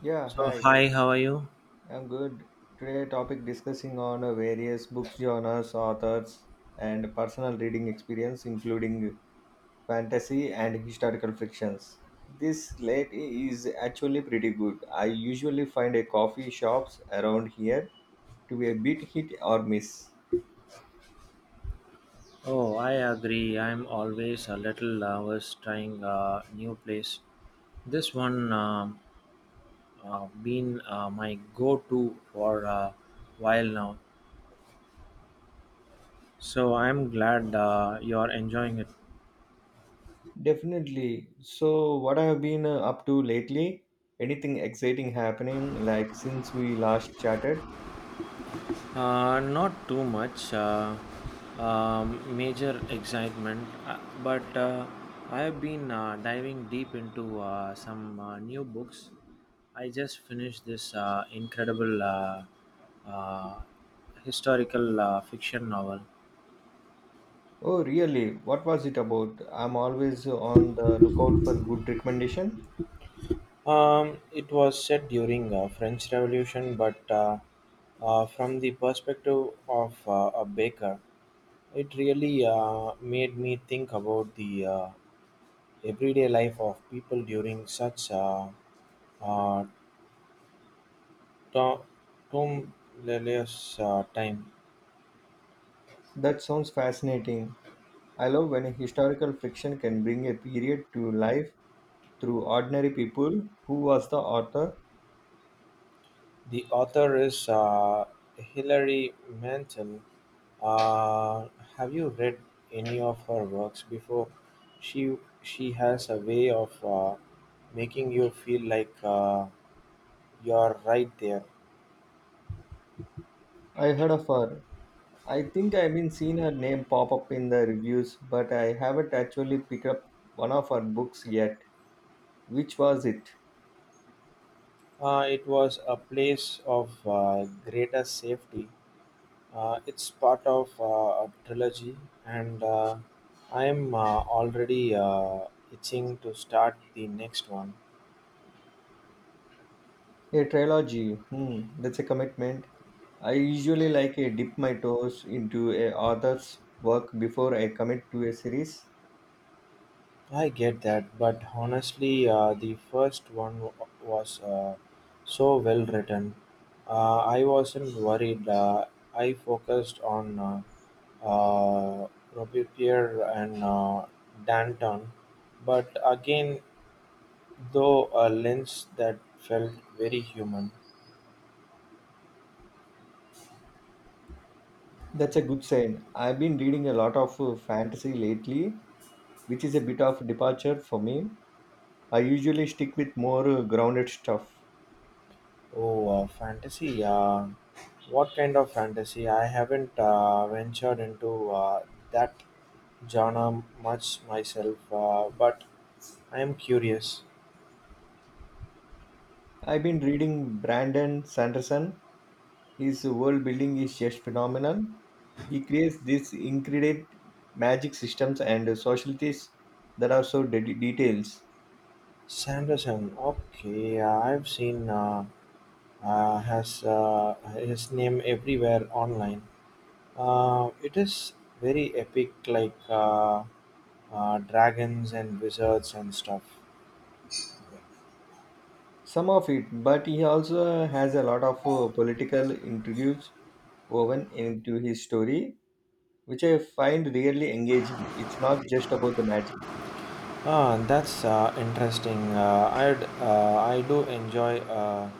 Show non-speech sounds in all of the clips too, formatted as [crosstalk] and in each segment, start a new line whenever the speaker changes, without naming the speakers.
Yeah,
So,
hi.
hi, how are you?
I'm good. Today topic discussing on various books genres, authors, and personal reading experience, including fantasy and historical fictions. This late is actually pretty good. I usually find a coffee shops around here to be a bit hit or miss.
Oh, I agree. I'm always a little nervous trying a new place. This one been my go-to for a while now. So I'm glad you're enjoying it.
Definitely. So, what I've been up to lately? Anything exciting happening like since we last chatted?
Not too much major excitement, but I have been diving deep into some new books. I just finished this incredible uh, historical fiction novel.
Oh, really? What was it about? I'm always on the lookout for good recommendation.
It was set during French Revolution, but from the perspective of a baker. It really made me think about the everyday life of people during such a uh, tu- tumultuous time.
That sounds fascinating. I love when a historical fiction can bring a period to life through ordinary people. Who was the author?
The author is Hilary Mantel. Uh, have you read any of her works before? She has a way of making you feel like you're right there.
I heard of her. I think I've been seeing her name pop up in the reviews, but I haven't actually picked up one of her books yet. Which was it?
It was A Place of Greater Safety. It's part of a trilogy, and I am already itching to start the next one.
A trilogy, hmm, that's a commitment. I usually like a dip my toes into a author's work before I commit to a series.
I get that, but honestly, the first one was so well written. I wasn't worried. I focused on uh, Robespierre and Danton, but again, though a lens that felt very human.
That's a good sign. I've been reading a lot of fantasy lately, which is a bit of departure for me. I usually stick with more grounded stuff.
Oh, fantasy. What kind of fantasy? I haven't ventured into that genre much myself, but I am curious.
I've been reading Brandon Sanderson. His world building is just phenomenal. He creates these incredible magic systems and societies that are so details.
Sanderson, okay, I've seen has his name everywhere online. It is very epic, like dragons and wizards and stuff.
Some of it, but he also has a lot of political intrigues woven into his story, which I find really engaging. It's not just about the magic.
Ah, that's interesting. I do enjoy a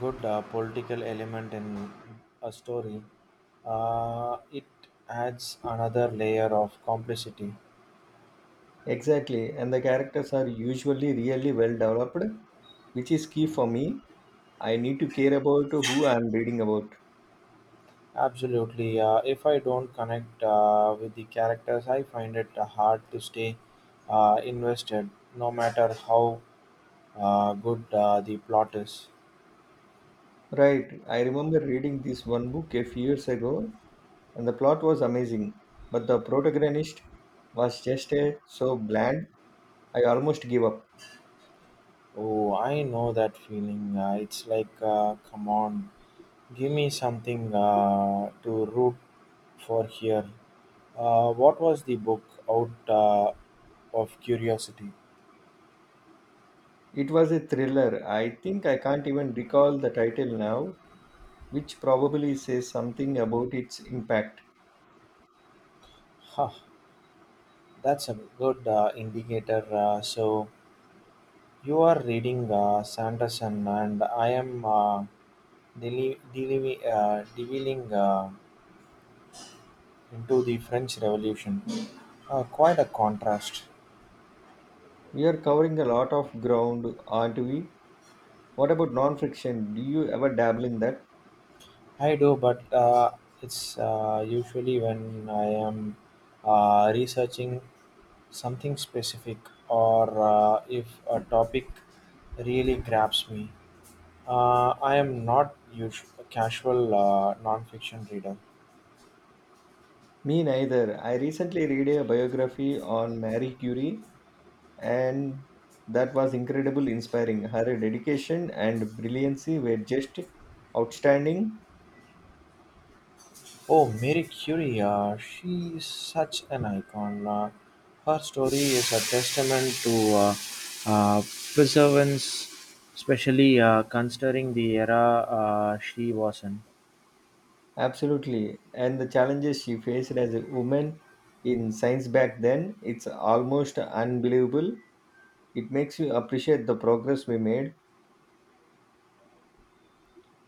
good political element in a story. It adds another layer of complicity.
Exactly, and the characters are usually really well developed, which is key for me. I need to care about who I'm reading about.
Absolutely. If I don't connect with the characters, I find it hard to stay invested, no matter how good the plot is.
Right, I remember reading this one book a few years ago, and the plot was amazing, but the protagonist was just so bland, I almost gave up.
Oh, I know that feeling. It's like, come on, give me something to root for here. What was the book out of curiosity?
It was a thriller. I think I can't even recall the title now, which probably says something about its impact.
Huh, that's a good indicator. So you are reading Sanderson, and I am delving into the French Revolution. Quite a contrast.
We are covering a lot of ground, aren't we? What about non fiction? Do you ever dabble in that?
I do, but it's usually when I am researching something specific, or if a topic really grabs me. I am not usual casual nonfiction reader.
Me neither. I recently read a biography on Marie Curie, and that was incredibly inspiring. Her dedication and brilliancy were just outstanding.
Oh, Mary Curie, she is such an icon. Her story is a testament to uh, perseverance, especially considering the era she was in.
Absolutely. And the challenges she faced as a woman in science back then, it's almost unbelievable. It makes you appreciate the progress we made.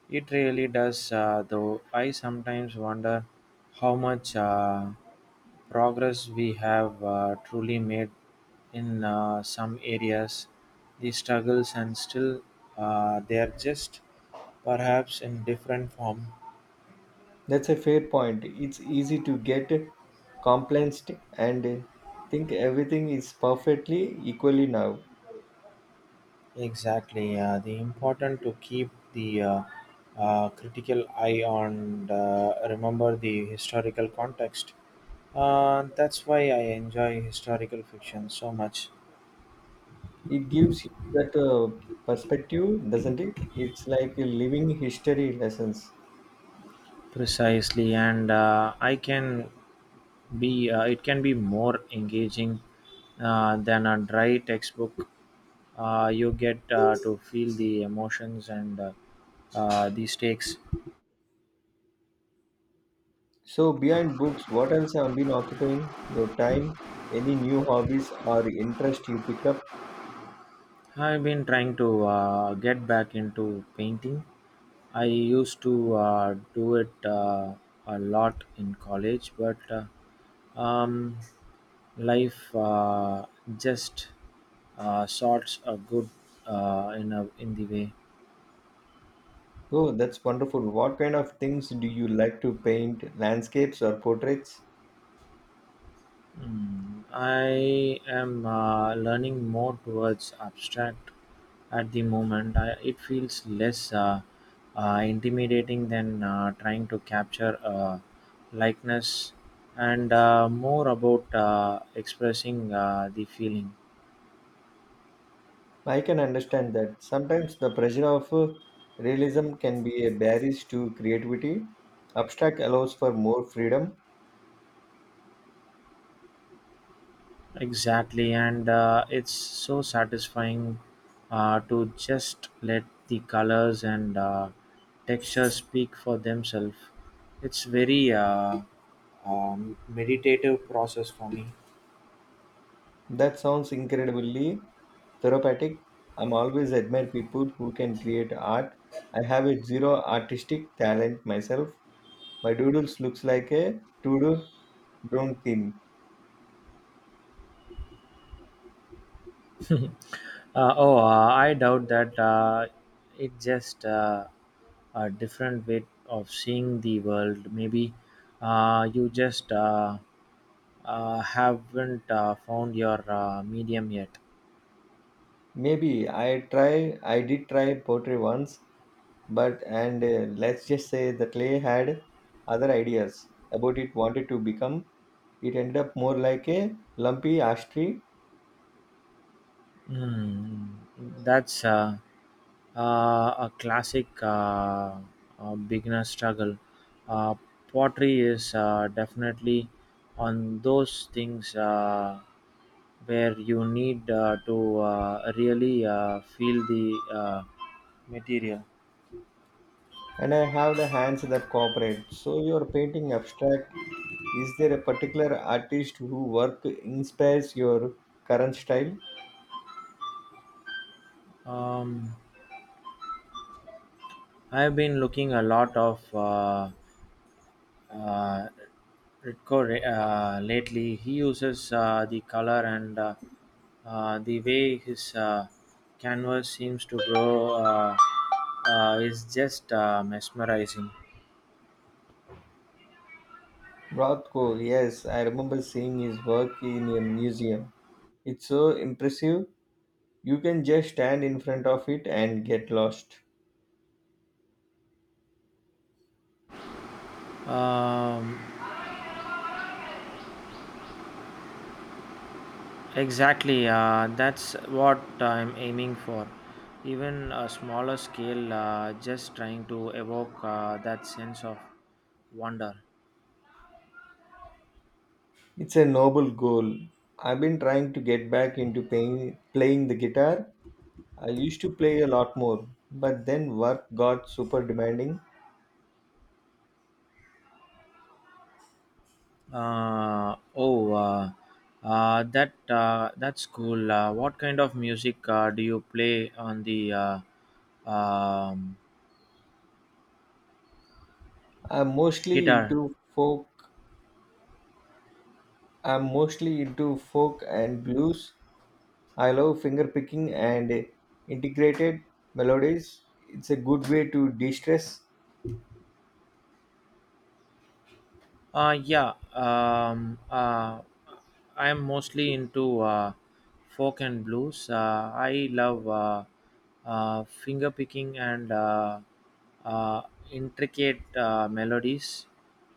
It really does, though I sometimes wonder how much progress we have truly made in some areas. The struggles and still they are just perhaps in different form.
That's a fair point. It's easy to get complacent and think everything is perfectly equally now.
Exactly, the important to keep the critical eye on, remember the historical context. That's why I enjoy historical fiction so much.
It gives you that perspective, doesn't it? It's like living history lessons.
Precisely, and I can be it can be more engaging than a dry textbook. You get to feel the emotions and the stakes.
So, behind books, what else have been occupying your time? Any new hobbies or interest you picked up?
I've been trying to get back into painting. I used to do it a lot in college, but um, life just sorts a good in the way.
Oh, that's wonderful. What kind of things do you like to paint? Landscapes or portraits?
Mm, I am learning more towards abstract at the moment. It feels less intimidating than trying to capture a likeness, and more about expressing the feeling.
I can understand that. Sometimes the pressure of realism can be a barrier to creativity. Abstract allows for more freedom.
Exactly, and it's so satisfying to just let the colors and textures speak for themselves. It's very meditative process for me.
That sounds incredibly therapeutic. I'm always admire people who can create art. I have a zero artistic talent myself. My doodles looks like a to-do drone theme.
Oh, I doubt that. It just a different way of seeing the world. Maybe you just haven't found your medium yet.
Maybe I did try pottery once. But and Let's just say the clay had other ideas about it wanted to become. It ended up more like a lumpy ash tree,
Hmm, that's uh, a classic beginner struggle. Uh, Pottery is definitely on those things where you need to really feel the material.
and I have the hands that cooperate. So you're painting abstract. Is there a particular artist who work inspires your current style?
Um, I've been looking a lot of. Uh, Ritko lately. He uses the color and the way his canvas seems to grow is just mesmerizing.
Rothko, yes, I remember seeing his work in a museum. It's so impressive. You can just stand in front of it and get lost.
Um, exactly, that's what I'm aiming for. Even a smaller scale, just trying to evoke that sense of wonder.
It's a noble goal. I've been trying to get back into playing the guitar. I used to play a lot more, but then work got super demanding.
Uh, oh, uh, that's cool. What kind of music do you play on the um,
I'm mostly
guitar?
into folk. I'm mostly into folk and blues. I love finger picking and integrated melodies. It's a good way to de-stress.
Uh, yeah, um, uh, I'm mostly into folk and blues. I love finger picking and uh, intricate melodies.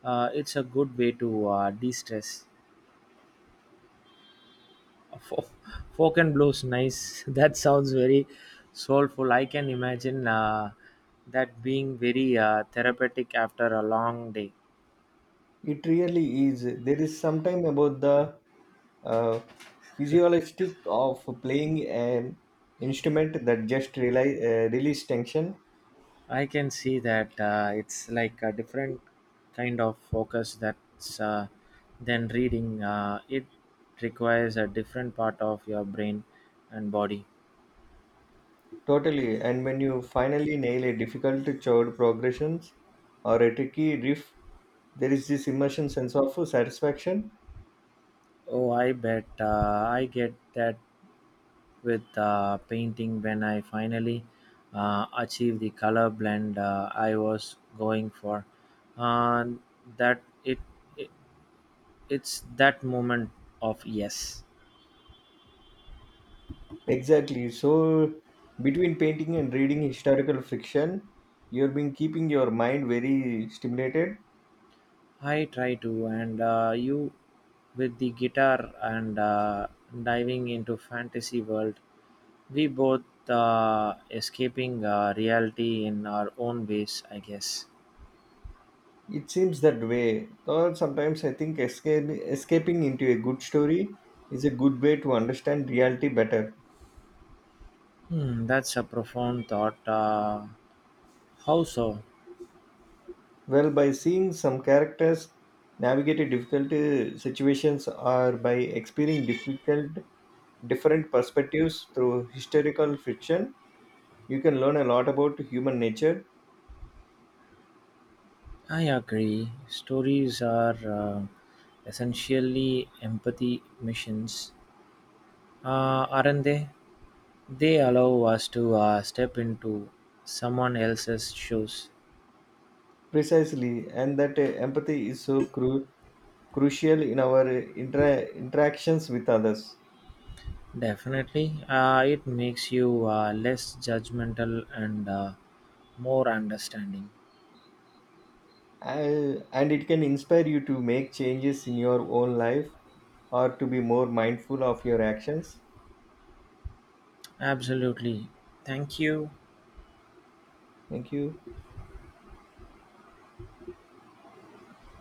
It's a good way to de-stress. Fo- Folk and blues, nice. [laughs] That sounds very soulful. I can imagine that being very therapeutic after a long day.
It really is. There is something about the uh, physiologistic of playing an instrument that just release tension
I can see that, it's like a different kind of focus that's than reading. It requires a different part of your brain and body.
totally. And when you finally nail a difficult chord progressions or a tricky riff, there is this immersion sense of satisfaction.
Oh, I bet, I get that with the painting when I finally achieved the color blend I was going for. Uh, that it, it It's that moment of yes.
Exactly. So between painting and reading historical fiction, you've been keeping your mind very stimulated.
I try to, and you with the guitar and diving into fantasy world. We both escaping reality in our own ways, I guess.
It seems that way. Though sometimes I think escaping into a good story is a good way to understand reality better.
Hmm, that's a profound thought. How so?
Well, by seeing some characters navigate a difficult situations or by experiencing difficult different perspectives through historical fiction, you can learn a lot about human nature
I agree. Stories are essentially empathy missions, aren't they? They allow us to step into someone else's shoes.
precisely, and that empathy is so crucial in our interactions with others.
Definitely, it makes you less judgmental and more understanding.
And it can inspire you to make changes in your own life or to be more mindful of your actions.
Absolutely. Thank you.
Thank you.